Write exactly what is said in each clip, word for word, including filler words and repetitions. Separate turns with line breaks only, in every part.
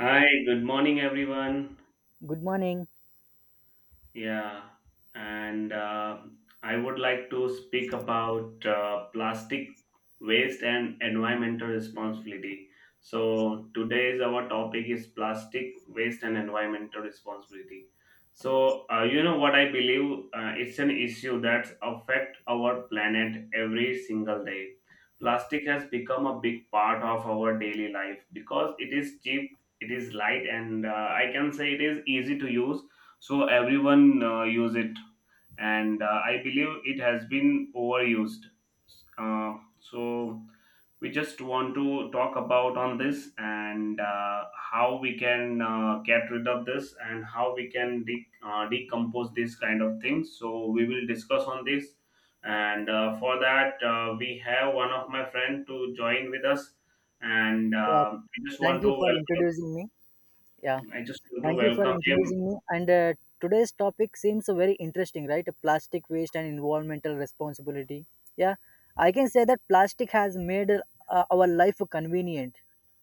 Hi, good morning, everyone.
Good morning.
Yeah, and uh, I would like to speak about uh, plastic waste and environmental responsibility. So, today's our topic is plastic waste and environmental responsibility. So, uh, you know what I believe uh, it's an issue that affect our planet every single day. Plastic has become a big part of our daily life because it is cheap, it is light, and uh, I can say it is easy to use, so everyone uh, use it, and uh, I believe it has been overused. Uh, so we just want to talk about on this, and uh, how we can uh, get rid of this and how we can de- uh, decompose these kind of things, so we will discuss on this. And uh, for that uh, we have one of my friend to join with us, and
Yeah,
uh, I just
thank
want to
you for
welcome,
introducing me. Yeah,
I just want to
thank you for
welcome him.
introducing me. And uh, Today's topic seems very interesting, right? Plastic waste and environmental responsibility. Yeah, I can say that plastic has made uh, our life convenient,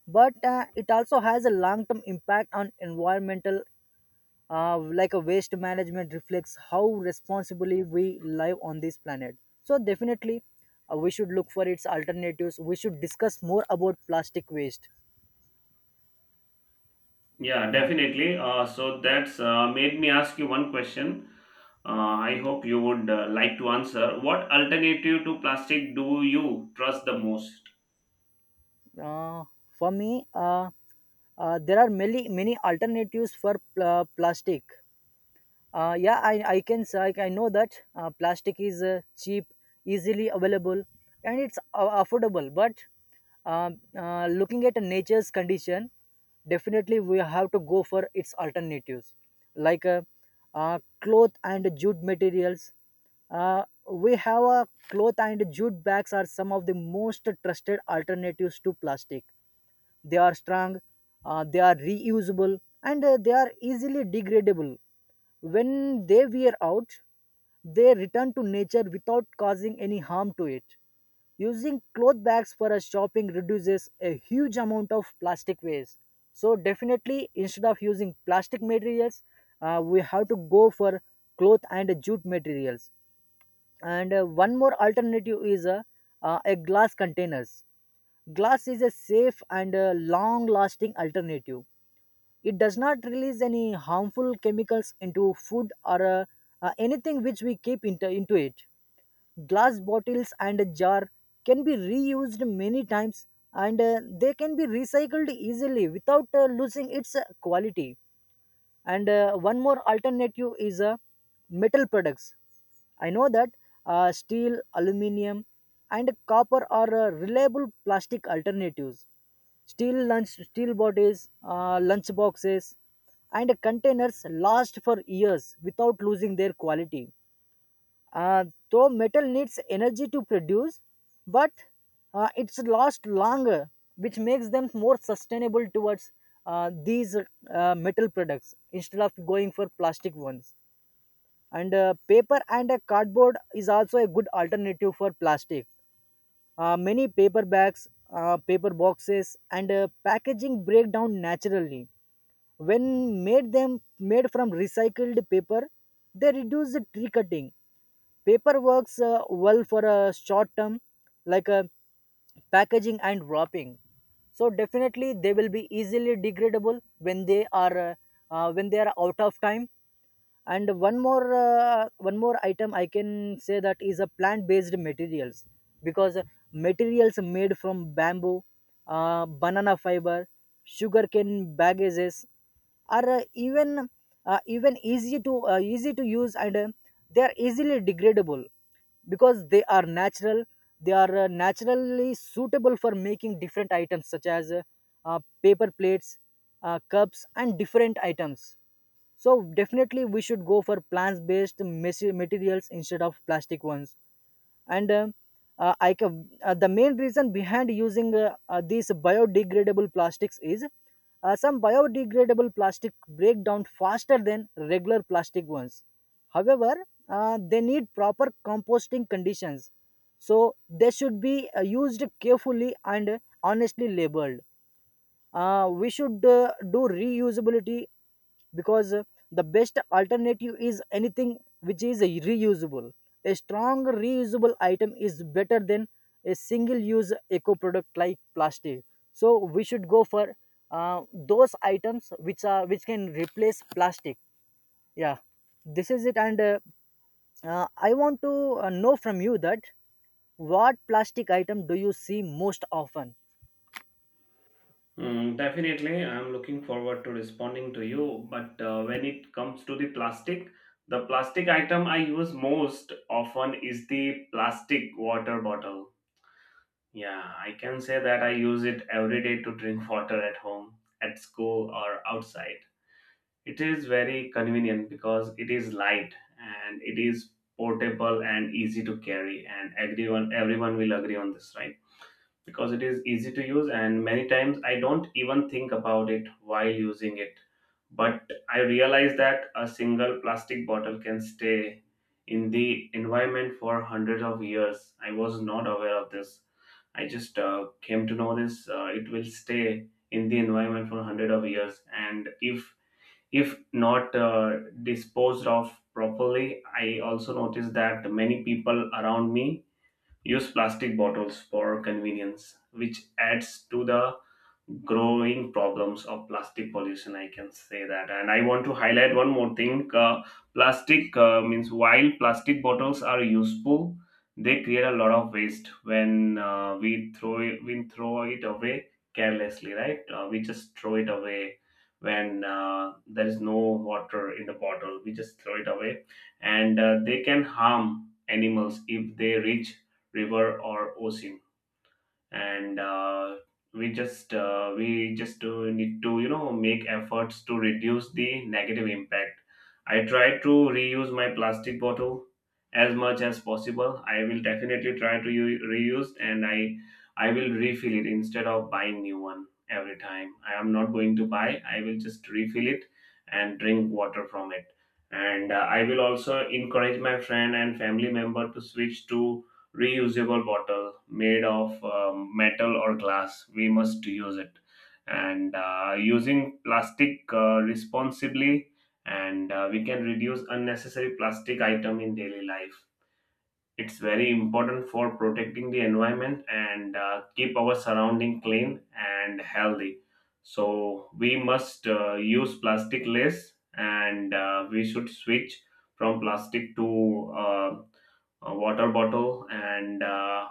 but uh, it also has a long-term impact on environmental, uh, like a waste management reflects how responsibly we live on this planet. So definitely uh, we should look for its alternatives. We should discuss more about plastic waste.
Yeah,
Yeah.
definitely. Uh, so that's uh, made me ask you one question. Uh, I hope you would uh, like to answer. What alternative to plastic do you trust the most?
uh, for me, uh, uh, there are many many alternatives for pl- uh, plastic. Uh, yeah, I, I can s- I, I know that uh, plastic is uh, cheap, easily available, and it's uh, affordable. But um, uh, looking at nature's condition, definitely we have to go for its alternatives, like uh, uh, cloth and jute materials. Uh, we have a cloth and jute bags are some of the most trusted alternatives to plastic. They are strong, uh, they are reusable, and uh, they are easily degradable. When they wear out, they return to nature without causing any harm to it. Using cloth bags for a shopping reduces a huge amount of plastic waste. So definitely, instead of using plastic materials, uh, we have to go for cloth and jute materials. And uh, one more alternative is uh, uh, a glass containers. Glass is a safe and uh, long-lasting alternative. It does not release any harmful chemicals into food or uh, uh, anything which we keep into, into it. Glass bottles and a jar can be reused many times, and uh, they can be recycled easily without uh, losing its uh, quality. And uh, one more alternative is uh, metal products. I know that uh, steel, aluminium, and copper are uh, reliable plastic alternatives. Steel lunch, steel bodies, uh, lunch boxes, and containers last for years without losing their quality. Uh, though metal needs energy to produce, but uh, it's last longer, which makes them more sustainable towards uh, these uh, metal products instead of going for plastic ones. And uh, paper and a cardboard is also a good alternative for plastic. Uh, many paper bags, uh, paper boxes, and uh, packaging break down naturally. When made them made from recycled paper, they reduce the tree cutting. Paper works uh, well for a short term, like uh, packaging and wrapping. So definitely they will be easily degradable when they are uh, uh, when they are out of time. And one more, uh, one more item I can say that is a plant based materials, because materials made from bamboo, uh, banana fiber, sugarcane baggages are uh, even uh, even easy to uh, easy to use, and uh, they are easily degradable because they are natural. They are uh, naturally suitable for making different items such as uh, uh, paper plates, uh, cups, and different items. So definitely we should go for plant-based materials instead of plastic ones. And uh, uh, I ca- uh, the main reason behind using uh, uh, these biodegradable plastics is uh, some biodegradable plastic break down faster than regular plastic ones. However, uh, they need proper composting conditions, so they should be uh, used carefully and honestly labeled. Uh, we should uh, do reusability, because uh, the best alternative is anything which is reusable. A strong reusable item is better than a single use eco product like plastic. So we should go for uh, those items which are which can replace plastic. Yeah, this is it. And uh, uh, I want to uh, know from you that what plastic item do you see most often.
Mm, definitely, I'm looking forward to responding to you. But uh, when it comes to the plastic, the plastic item I use most often is the plastic water bottle. Yeah, I can say that I use it every day to drink water at home, at school, or outside. It is very convenient because it is light and it is portable and easy to carry, and everyone everyone will agree on this, right? Because it is easy to use, and many times I don't even think about it while using it. But I realize that a single plastic bottle can stay in the environment for hundreds of years. I was not aware of this. I just uh, came to know this. Uh, it will stay in the environment for hundred of years, and if if not uh, disposed of properly. I also noticed that many people around me use plastic bottles for convenience, which adds to the growing problems of plastic pollution, I can say that. And I want to highlight one more thing. Uh, plastic uh, means While plastic bottles are useful, they create a lot of waste when uh, we throw it, we throw it away carelessly, right? Uh, we just throw it away when uh, there is no water in the bottle, we just throw it away. And uh, they can harm animals if they reach river or ocean. And uh, we just uh, we just uh, need to you know make efforts to reduce the negative impact. I try to reuse my plastic bottle as much as possible. I will definitely try to u- reuse, and i i will refill it instead of buying new one every time. I am not going to buy, I will just refill it and drink water from it. And uh, I will also encourage my friend and family member to switch to reusable bottle made of um, metal or glass. We must use it. And uh, using plastic uh, responsibly, and uh, we can reduce unnecessary plastic item in daily life. It's very important for protecting the environment and uh, keep our surrounding clean and healthy. So we must uh, use plastic less, and uh, we should switch from plastic to uh, a water bottle, and uh,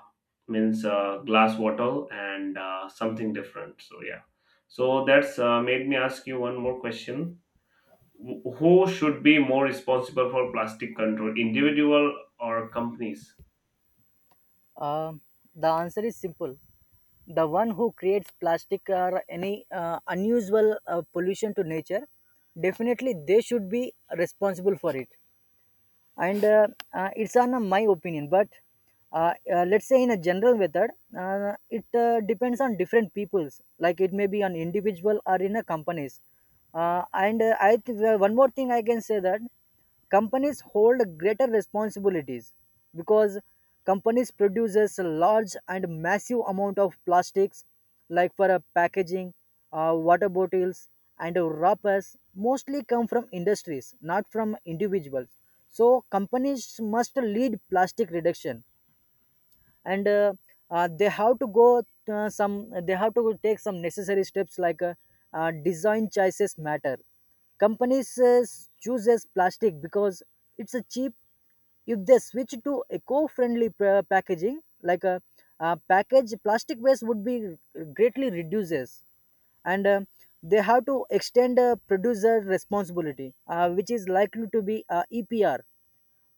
means uh, glass bottle, and uh, something different. So yeah, so that's uh, made me ask you one more question. Wh- who should be more responsible for plastic control, individual or companies?
Um, the answer is simple. The one who creates plastic or any uh, unusual uh, pollution to nature, definitely they should be responsible for it. And uh, uh, it's on uh, my opinion, but uh, uh, let's say in a general method, uh, it uh, depends on different peoples, like it may be on individual or in a companies. Uh, and uh, i th- uh, one more thing I can say that companies hold greater responsibilities, because companies produces a large and massive amount of plastics, like for a packaging, uh, water bottles, and wrappers mostly come from industries, not from individuals. So companies must lead plastic reduction. And uh, uh, they have to go uh, some they have to take some necessary steps, like uh, uh, design choices matter. Companies uh, chooses plastic because it's a cheap. If they switch to eco-friendly pa- packaging like a, uh package, plastic waste would be greatly reduces. And uh, they have to extend uh, producer responsibility, uh, which is likely to be uh, EPR.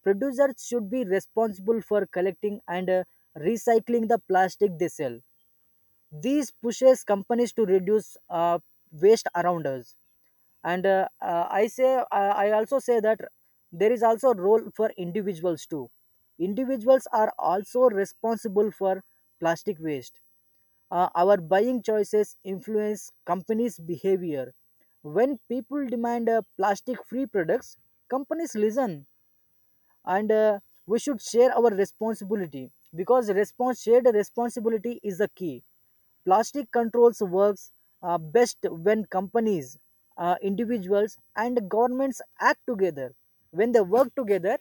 Producers should be responsible for collecting and uh, recycling the plastic they sell. This pushes companies to reduce uh, waste around us. And uh, uh, i say uh, I also say that there is also a role for individuals too. Individuals are also responsible for plastic waste. Uh, our buying choices influence companies' behavior. When people demand uh, plastic free products, companies listen. And uh, we should share our responsibility, because response, shared responsibility is the key. Plastic controls works uh, best when companies, uh, individuals, and governments act together. When they work together,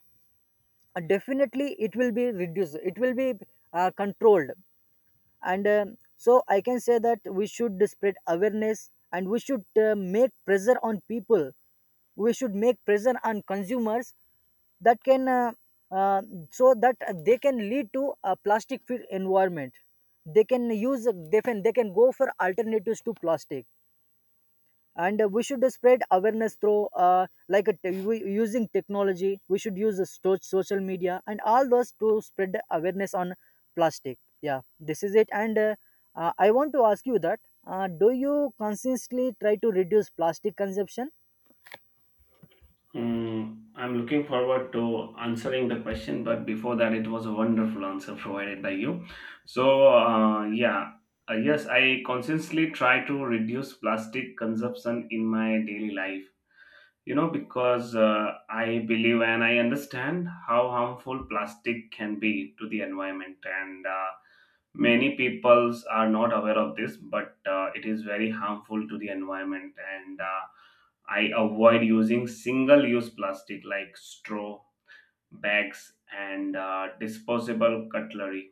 uh, definitely it will be reduced, it will be uh, controlled. And um, so I can say that we should spread awareness, and we should uh, make pressure on people. We should make pressure on consumers, that can uh, uh, so that they can lead to a plastic free environment. They can use, they can they can go for alternatives to plastic. And uh, we should uh, spread awareness through uh, like a te- we- using technology. We should use the sto- social media and all those to spread the awareness on plastic. Yeah, this is it. And uh, uh, I want to ask you that uh, do you consistently try to reduce plastic consumption.
Mm, I'm looking forward to answering the question, but before that, it was a wonderful answer provided by you. So, uh, yeah, uh, yes, I consciously try to reduce plastic consumption in my daily life, you know because uh, I believe and I understand how harmful plastic can be to the environment. And uh, many peoples are not aware of this, but uh, it is very harmful to the environment. And uh, I avoid using single use plastic like straw, bags, and uh, disposable cutlery.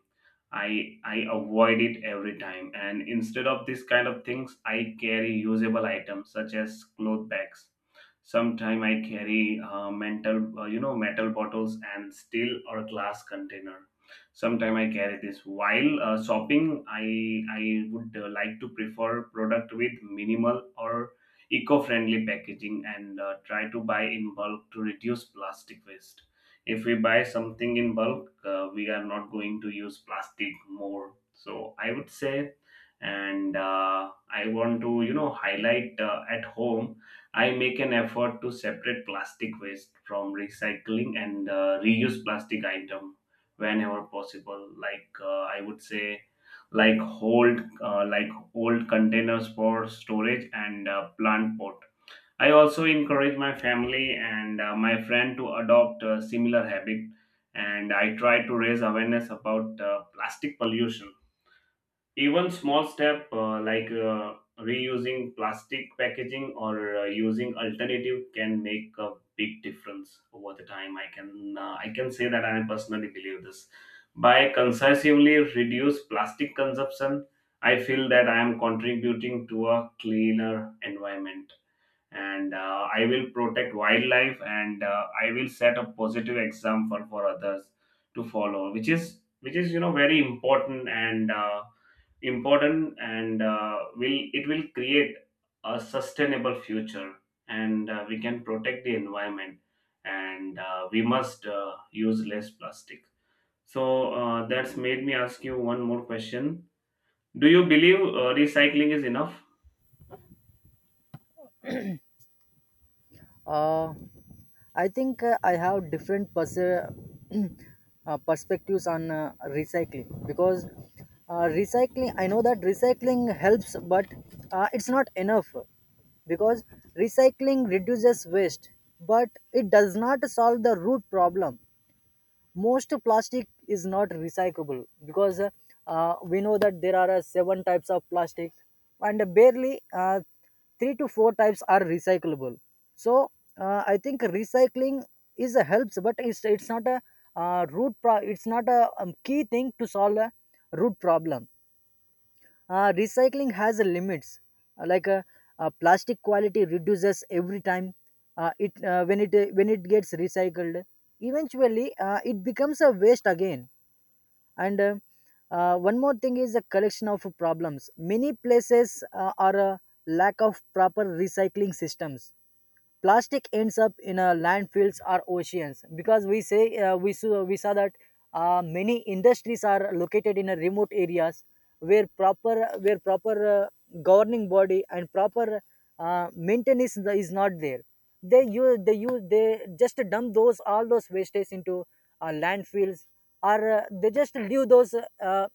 I I avoid it every time. And instead of this kind of things, I carry usable items such as cloth bags. Sometimes I carry uh, mental, uh, you know, metal bottles and steel or glass container. Sometimes I carry this. While uh, shopping, I I would uh, like to prefer product with minimal or eco-friendly packaging, and uh, try to buy in bulk to reduce plastic waste. If we buy something in bulk, uh, we are not going to use plastic more, so I would say. And uh, I want to you know highlight, uh, at home I make an effort to separate plastic waste from recycling, and uh, reuse plastic item whenever possible, like uh, I would say, like hold uh, like old containers for storage and uh, plant pot. I also encourage my family and uh, my friend to adopt a similar habit, and I try to raise awareness about uh, plastic pollution. Even small step uh, like uh, reusing plastic packaging or uh, using alternative can make a big difference over the time. I can uh, I can say that I personally believe this. By concisively reduce plastic consumption, I feel that I am contributing to a cleaner environment, and uh, I will protect wildlife, and uh, I will set a positive example for others to follow, which is which is you know very important, and uh, important and uh, will it will create a sustainable future. And uh, we can protect the environment, and uh, we must uh, use less plastic. So uh, that's made me ask you one more question. Do you believe uh, recycling is enough?
Uh, I think uh, I have different pers- uh, perspectives on uh, recycling, because uh, recycling, I know that recycling helps, but uh, it's not enough, because recycling reduces waste, but it does not solve the root problem. Most plastic is not recyclable, because uh, uh, we know that there are uh, seven types of plastic, and barely uh, three to four types are recyclable. So uh, I think recycling is a helps, but it's it's not a uh, root pro- it's not a um, key thing to solve a root problem. Uh, recycling has a limits. Uh, like uh, uh, plastic quality reduces every time uh, it uh, when it uh, when it gets recycled. Eventually, uh, it becomes a waste again. And uh, uh, one more thing is a collection of problems. Many places uh, are a lack of proper recycling systems. Plastic ends up in uh, landfills or oceans, because we say uh, we, saw, we saw that uh, many industries are located in uh, remote areas where proper, where proper uh, governing body and proper uh, maintenance is is not there. they use they use they just dump those, all those wastes into uh, landfills, or uh, they just leave those uh, uh,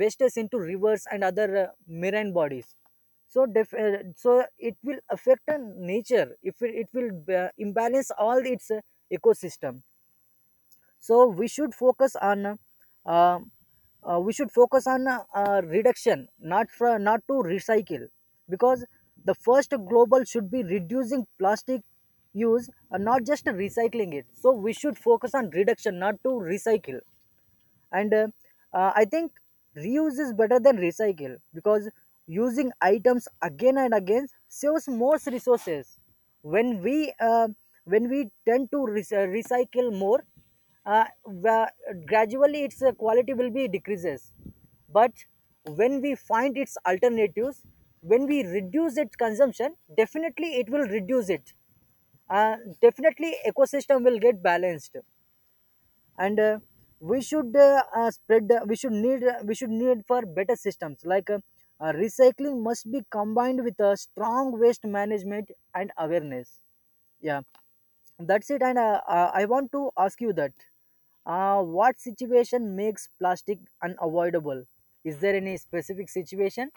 wastes into rivers and other uh, marine bodies. So def- uh, so it will affect on nature. If it, it will uh, imbalance all its uh, ecosystem. So we should focus on uh, uh, uh, we should focus on uh, uh, reduction, not for, not to recycle, because the first global should be reducing plastic use and not just recycling it. So we should focus on reduction, not to recycle. And uh, uh, I think reuse is better than recycle, because using items again and again saves most resources. When we uh, when we tend to re- uh, recycle more, uh, wa- gradually its uh, quality will be decreases. But when we find its alternatives, when we reduce its consumption, definitely it will reduce it. Uh, definitely ecosystem will get balanced. And uh, we should uh, uh, spread uh, we should need uh, we should need for better systems, like uh, uh, recycling must be combined with a strong waste management and awareness. Yeah, that's it. And uh, uh, I want to ask you that uh, what situation makes plastic unavoidable. Is there any specific situation?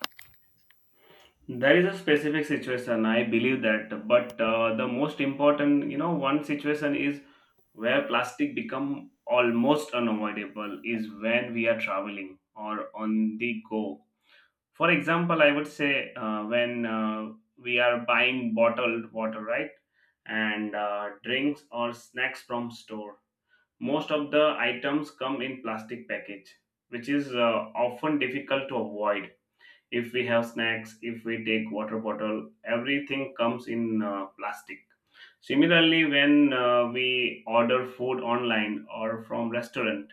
There is a specific situation, I believe that, but uh, the most important, you know, one situation is where plastic become almost unavoidable is when we are traveling or on the go. For example, I would say uh, when uh, we are buying bottled water, right, and uh, drinks or snacks from store. Most of the items come in plastic package, which is uh, often difficult to avoid. If we have snacks, if we take water bottle, everything comes in uh, plastic. Similarly, when uh, we order food online or from restaurant,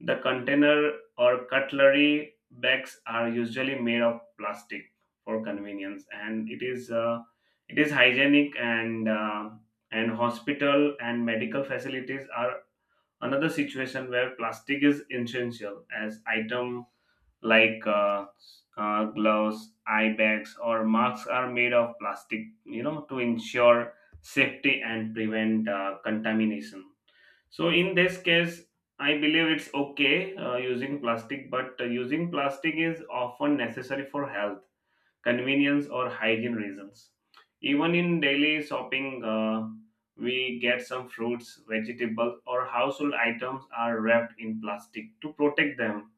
the container or cutlery bags are usually made of plastic for convenience, and it is uh, it is hygienic. And uh, and hospital and medical facilities are another situation where plastic is essential as item, like uh, uh, gloves, eye bags, or masks are made of plastic, you know, to ensure safety and prevent uh, contamination. So, in this case, I believe it's okay uh, using plastic, but uh, using plastic is often necessary for health, convenience, or hygiene reasons. Even in daily shopping, uh, we get some fruits, vegetables, or household items are wrapped in plastic to protect them,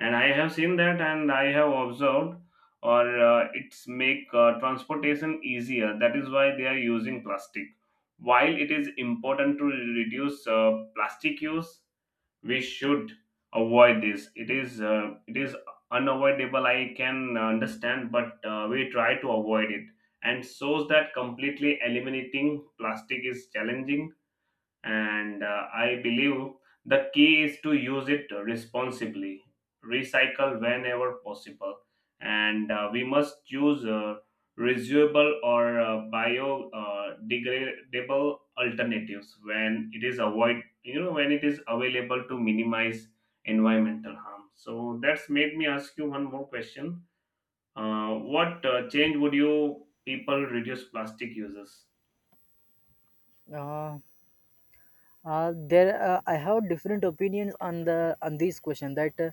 and I have seen that and I have observed. Or uh, it's make uh, transportation easier, that is why they are using plastic. While it is important to reduce uh, plastic use, we should avoid this. It is uh, it is unavoidable, I can understand, but uh, we try to avoid it, and shows that completely eliminating plastic is challenging. And uh, I believe the key is to use it responsibly, recycle whenever possible, and uh, we must use uh, reusable or uh, biodegradable alternatives when it is avoid, you know when it is available to minimize environmental harm. So that's made me ask you one more question. Uh, what uh, change would you people reduce plastic uses?
uh, Uh, there, uh, I have different opinions on the on this question that uh,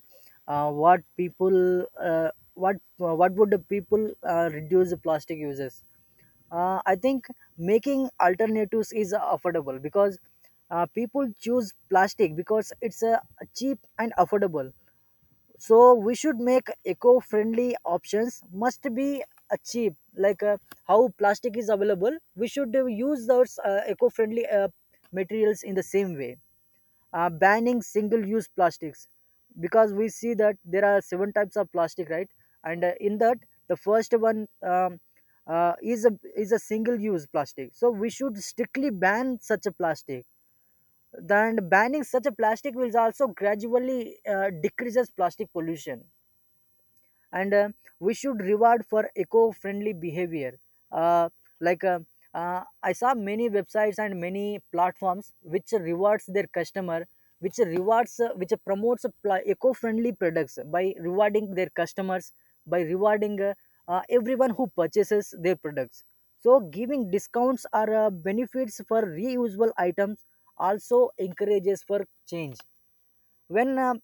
uh, what people uh, what uh, what would the people uh, reduce the plastic uses. Uh, I think making alternatives is affordable because uh, people choose plastic because it's uh, cheap and affordable, so we should make eco-friendly options must be uh, cheap like uh, how plastic is available. We should uh, use those uh, eco-friendly uh, materials in the same way. Uh, banning single-use plastics because we see that there are seven types of plastic, right? And uh, in that, the first one um, uh, is a is a single-use plastic, so we should strictly ban such a plastic. Then banning such a plastic will also gradually uh, decreases plastic pollution. And uh, We should reward for eco-friendly behavior. uh, like uh, uh, I saw many websites and many platforms which rewards their customer, which rewards uh, which promotes pl- eco-friendly products by rewarding their customers, by rewarding uh, uh, everyone who purchases their products. So giving discounts or uh, benefits for reusable items also encourages for change. When uh,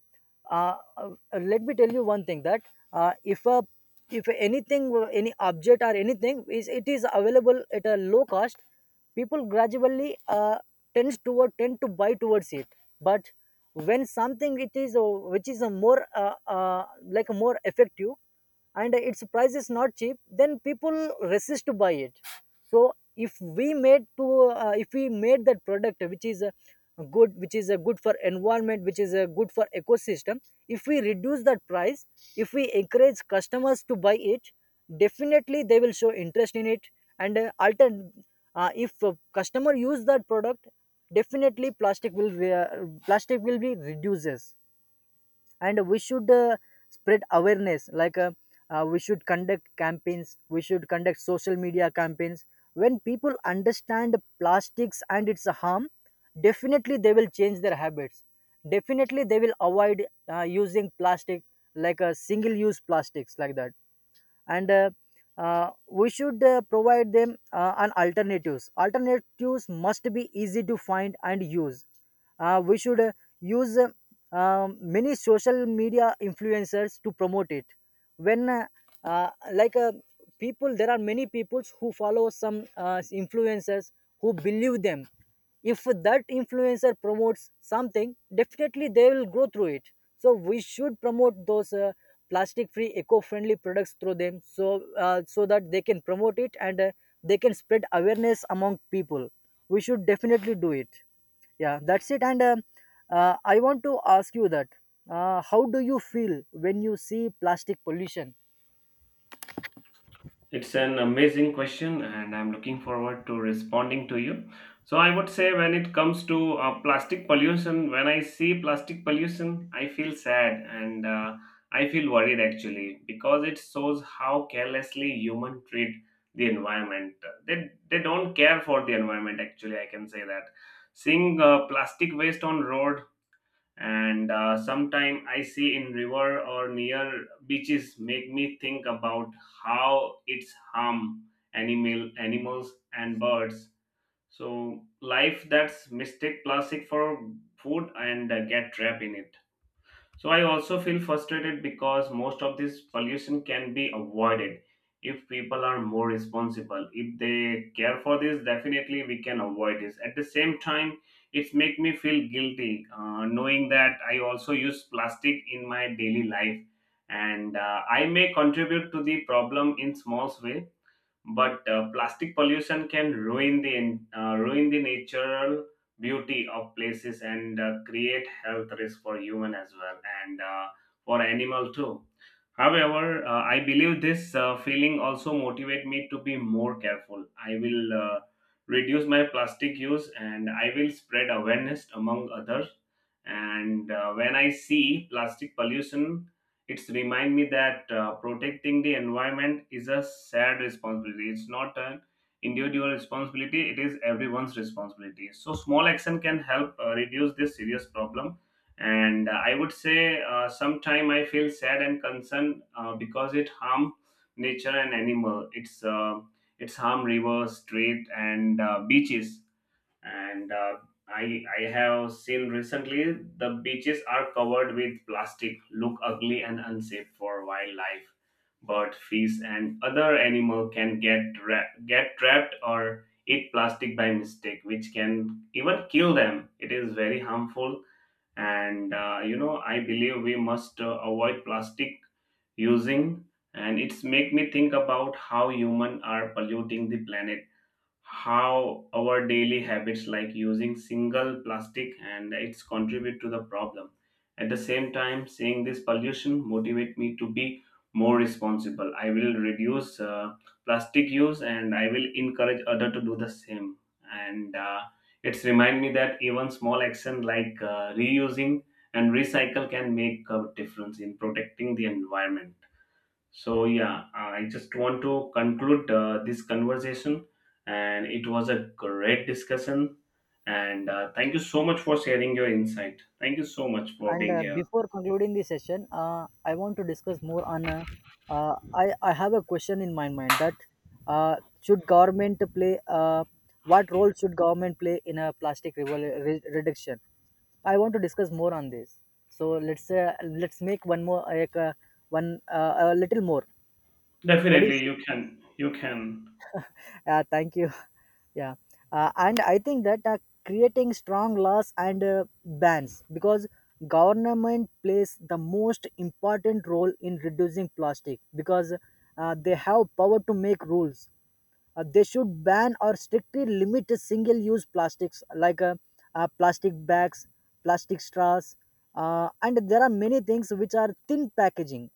uh, uh, Let me tell you one thing, that uh, if a if anything any object or anything is, it is available at a low cost, people gradually uh, tends toward tend to buy towards it. But when something, it is uh, which is a more uh, uh, like a more effective and its price is not cheap, then people resist to buy it. So if we made to uh, if we made that product which is uh, good, which is a good for environment, which is a good for ecosystem, if we reduce that price, if we encourage customers to buy it, definitely they will show interest in it. and uh, altern- uh, if a customer use that product, definitely plastic will be, uh, plastic will be reduces. And we should uh, spread awareness, like uh, uh, we should conduct campaigns, we should conduct social media campaigns. When people understand plastics and its harm, definitely they will change their habits, definitely they will avoid uh, using plastic, like a single use plastics, like that. And uh, uh, we should uh, provide them uh, an alternatives. Alternatives must be easy to find and use. Uh, we should uh, use uh, um, many social media influencers to promote it. When uh, uh, like uh, people There are many people who follow some uh, influencers, who believe them. If that influencer promotes something, definitely they will go through it. So we should promote those uh, plastic free eco friendly products through them, so uh, so that they can promote it and uh, they can spread awareness among people. We should definitely do it. Yeah, that's it. And uh, uh, I want to ask you that, uh, how do you feel when you see plastic pollution?
It's an amazing question, and I'm looking forward to responding to you. So, I would say when it comes to uh, plastic pollution, when I see plastic pollution, I feel sad, and uh, I feel worried actually, because it shows how carelessly human treat the environment. They, they don't care for the environment, actually, I can say that. Seeing uh, plastic waste on road, and uh, sometime I see in river or near beaches, make me think about how it's harm animal animals and birds, so life that's mistake plastic for food and uh, get trapped in it. So I also feel frustrated because most of this pollution can be avoided if people are more responsible. If they care for this, definitely we can avoid this. At the same time, it's make me feel guilty uh, knowing that I also use plastic in my daily life, and uh, I may contribute to the problem in small way. But uh, plastic pollution can ruin the en- uh, ruin the natural beauty of places, and uh, create health risk for human as well, and uh, for animal too. However, uh, I believe this uh, feeling also motivate me to be more careful. I will uh, reduce my plastic use and I will spread awareness among others. And uh, when I see plastic pollution, it's remind me that uh, protecting the environment is a shared responsibility. It's not an individual responsibility. It is everyone's responsibility. So small action can help uh, reduce this serious problem. And uh, I would say uh, sometime I feel sad and concerned, uh, because it harm nature and animal, it's uh, it's harm rivers, street, and uh, beaches. And uh, i i have seen recently the beaches are covered with plastic, look ugly and unsafe for wildlife. Bird, fish, and other animal can get tra- get trapped or eat plastic by mistake, which can even kill them. It is very harmful. And uh, you know I believe we must uh, avoid plastic using. And it's make me think about how human are polluting the planet, how our daily habits like using single plastic and its contribute to the problem. At the same time, seeing this pollution motivate me to be more responsible. I will reduce uh, plastic use, and I will encourage other to do the same. And uh, it's remind me that even small action like uh, reusing and recycle can make a difference in protecting the environment. So, yeah, I just want to conclude uh, this conversation, and it was a great discussion. And uh, thank you so much for sharing your insight. Thank you so much for
And
being
uh,
here.
before concluding the session, uh, I want to discuss more on. Uh, uh, I I have a question in my mind, that uh, should government play? Uh, what role should government play in a plastic revol- re- reduction? I want to discuss more on this. So let's uh, let's make one more, like uh, one uh, a little more. What do you
Definitely,
say?
you can. You can.
Yeah, thank you. Yeah, uh, and I think that uh, creating strong laws and uh, bans, because government plays the most important role in reducing plastic, because uh, they have power to make rules. Uh, they should ban or strictly limit single-use plastics, like uh, uh, plastic bags, plastic straws, uh, and there are many things which are thin packaging.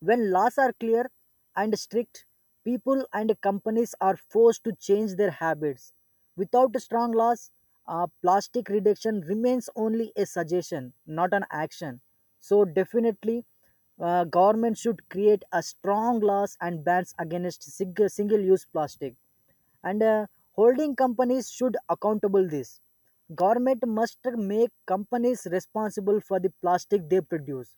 When laws are clear and strict, people and companies are forced to change their habits. Without strong laws, uh, plastic reduction remains only a suggestion, not an action. So, definitely, uh, government should create a strong laws and bans against single use plastic. And uh, Holding companies should accountable this. Government must make companies responsible for the plastic they produce.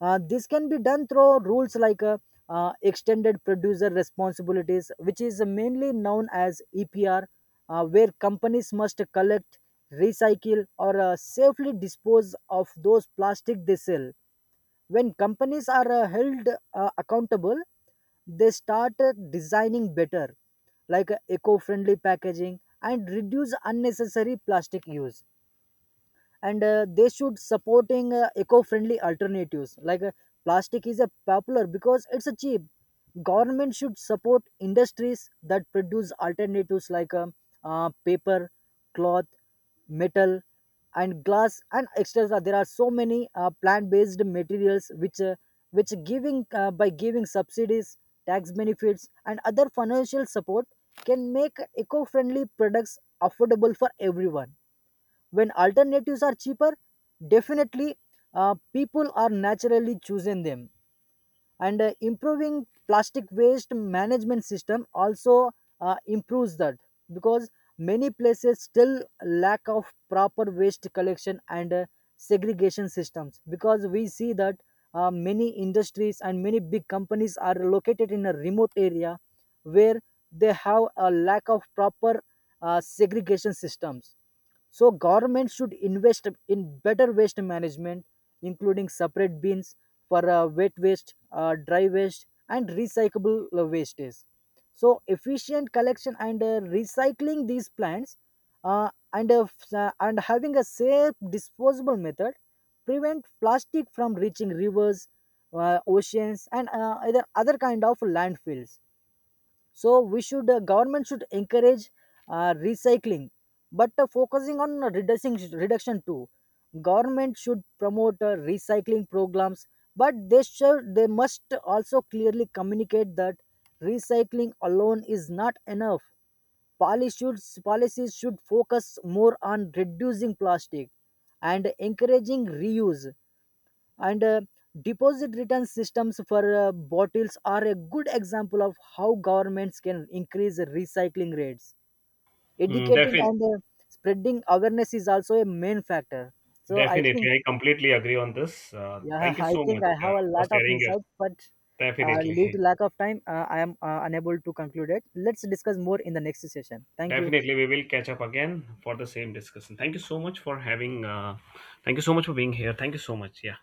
uh, This can be done through rules, like uh, uh, extended producer responsibilities, which is mainly known as E P R, uh, where companies must collect, recycle, or uh, safely dispose of those plastic they sell. When companies are uh, held uh, accountable, they start uh, designing better, like uh, eco friendly packaging, and reduce unnecessary plastic use. And uh, They should supporting uh, eco-friendly alternatives, like uh, plastic is a popular because it's a cheap. Government should support industries that produce alternatives, like um, uh, paper, cloth, metal, and glass, and etc. There are so many uh, plant-based materials which uh, which giving uh, by giving subsidies, tax benefits, and other financial support, can make eco-friendly products affordable for everyone. When alternatives are cheaper, definitely uh, people are naturally choosing them. And uh, improving plastic waste management system also uh, improves that, because many places still lack of proper waste collection and uh, segregation systems, because we see that uh, many industries and many big companies are located in a remote area, where they have a lack of proper uh, segregation systems. So government should invest in better waste management, including separate bins for uh, wet waste, uh, dry waste, and recyclable uh, wastes. So efficient collection and uh, recycling these plants, uh, and uh, f- uh, and having a safe disposable method, prevent plastic from reaching rivers, uh, oceans, and uh, other other kind of landfills. So we should uh, Government should encourage uh, recycling, but uh, focusing on reducing reduction too. Government should promote uh, recycling programs, but they should they must also clearly communicate that recycling alone is not enough. Policy should, policies should focus more on reducing plastic and encouraging reuse. And uh, Deposit return systems for uh, bottles are a good example of how governments can increase recycling rates.
Mm,
Educating
defi-
and uh, spreading awareness is also a main factor. So I think,
Definitely, I completely agree on this. Uh,
yeah,
thank you
I
so
think
much
I
uh,
have a
for
lot of
sharing your.
insights, but uh, due to
Definitely,
lack of time, uh, I am uh, unable to conclude it. Let's discuss more in the next session. Thank you.
definitely, we will catch up again for the same discussion. Thank you so much for having. Uh, thank you so much for being here. Thank you so much. Yeah.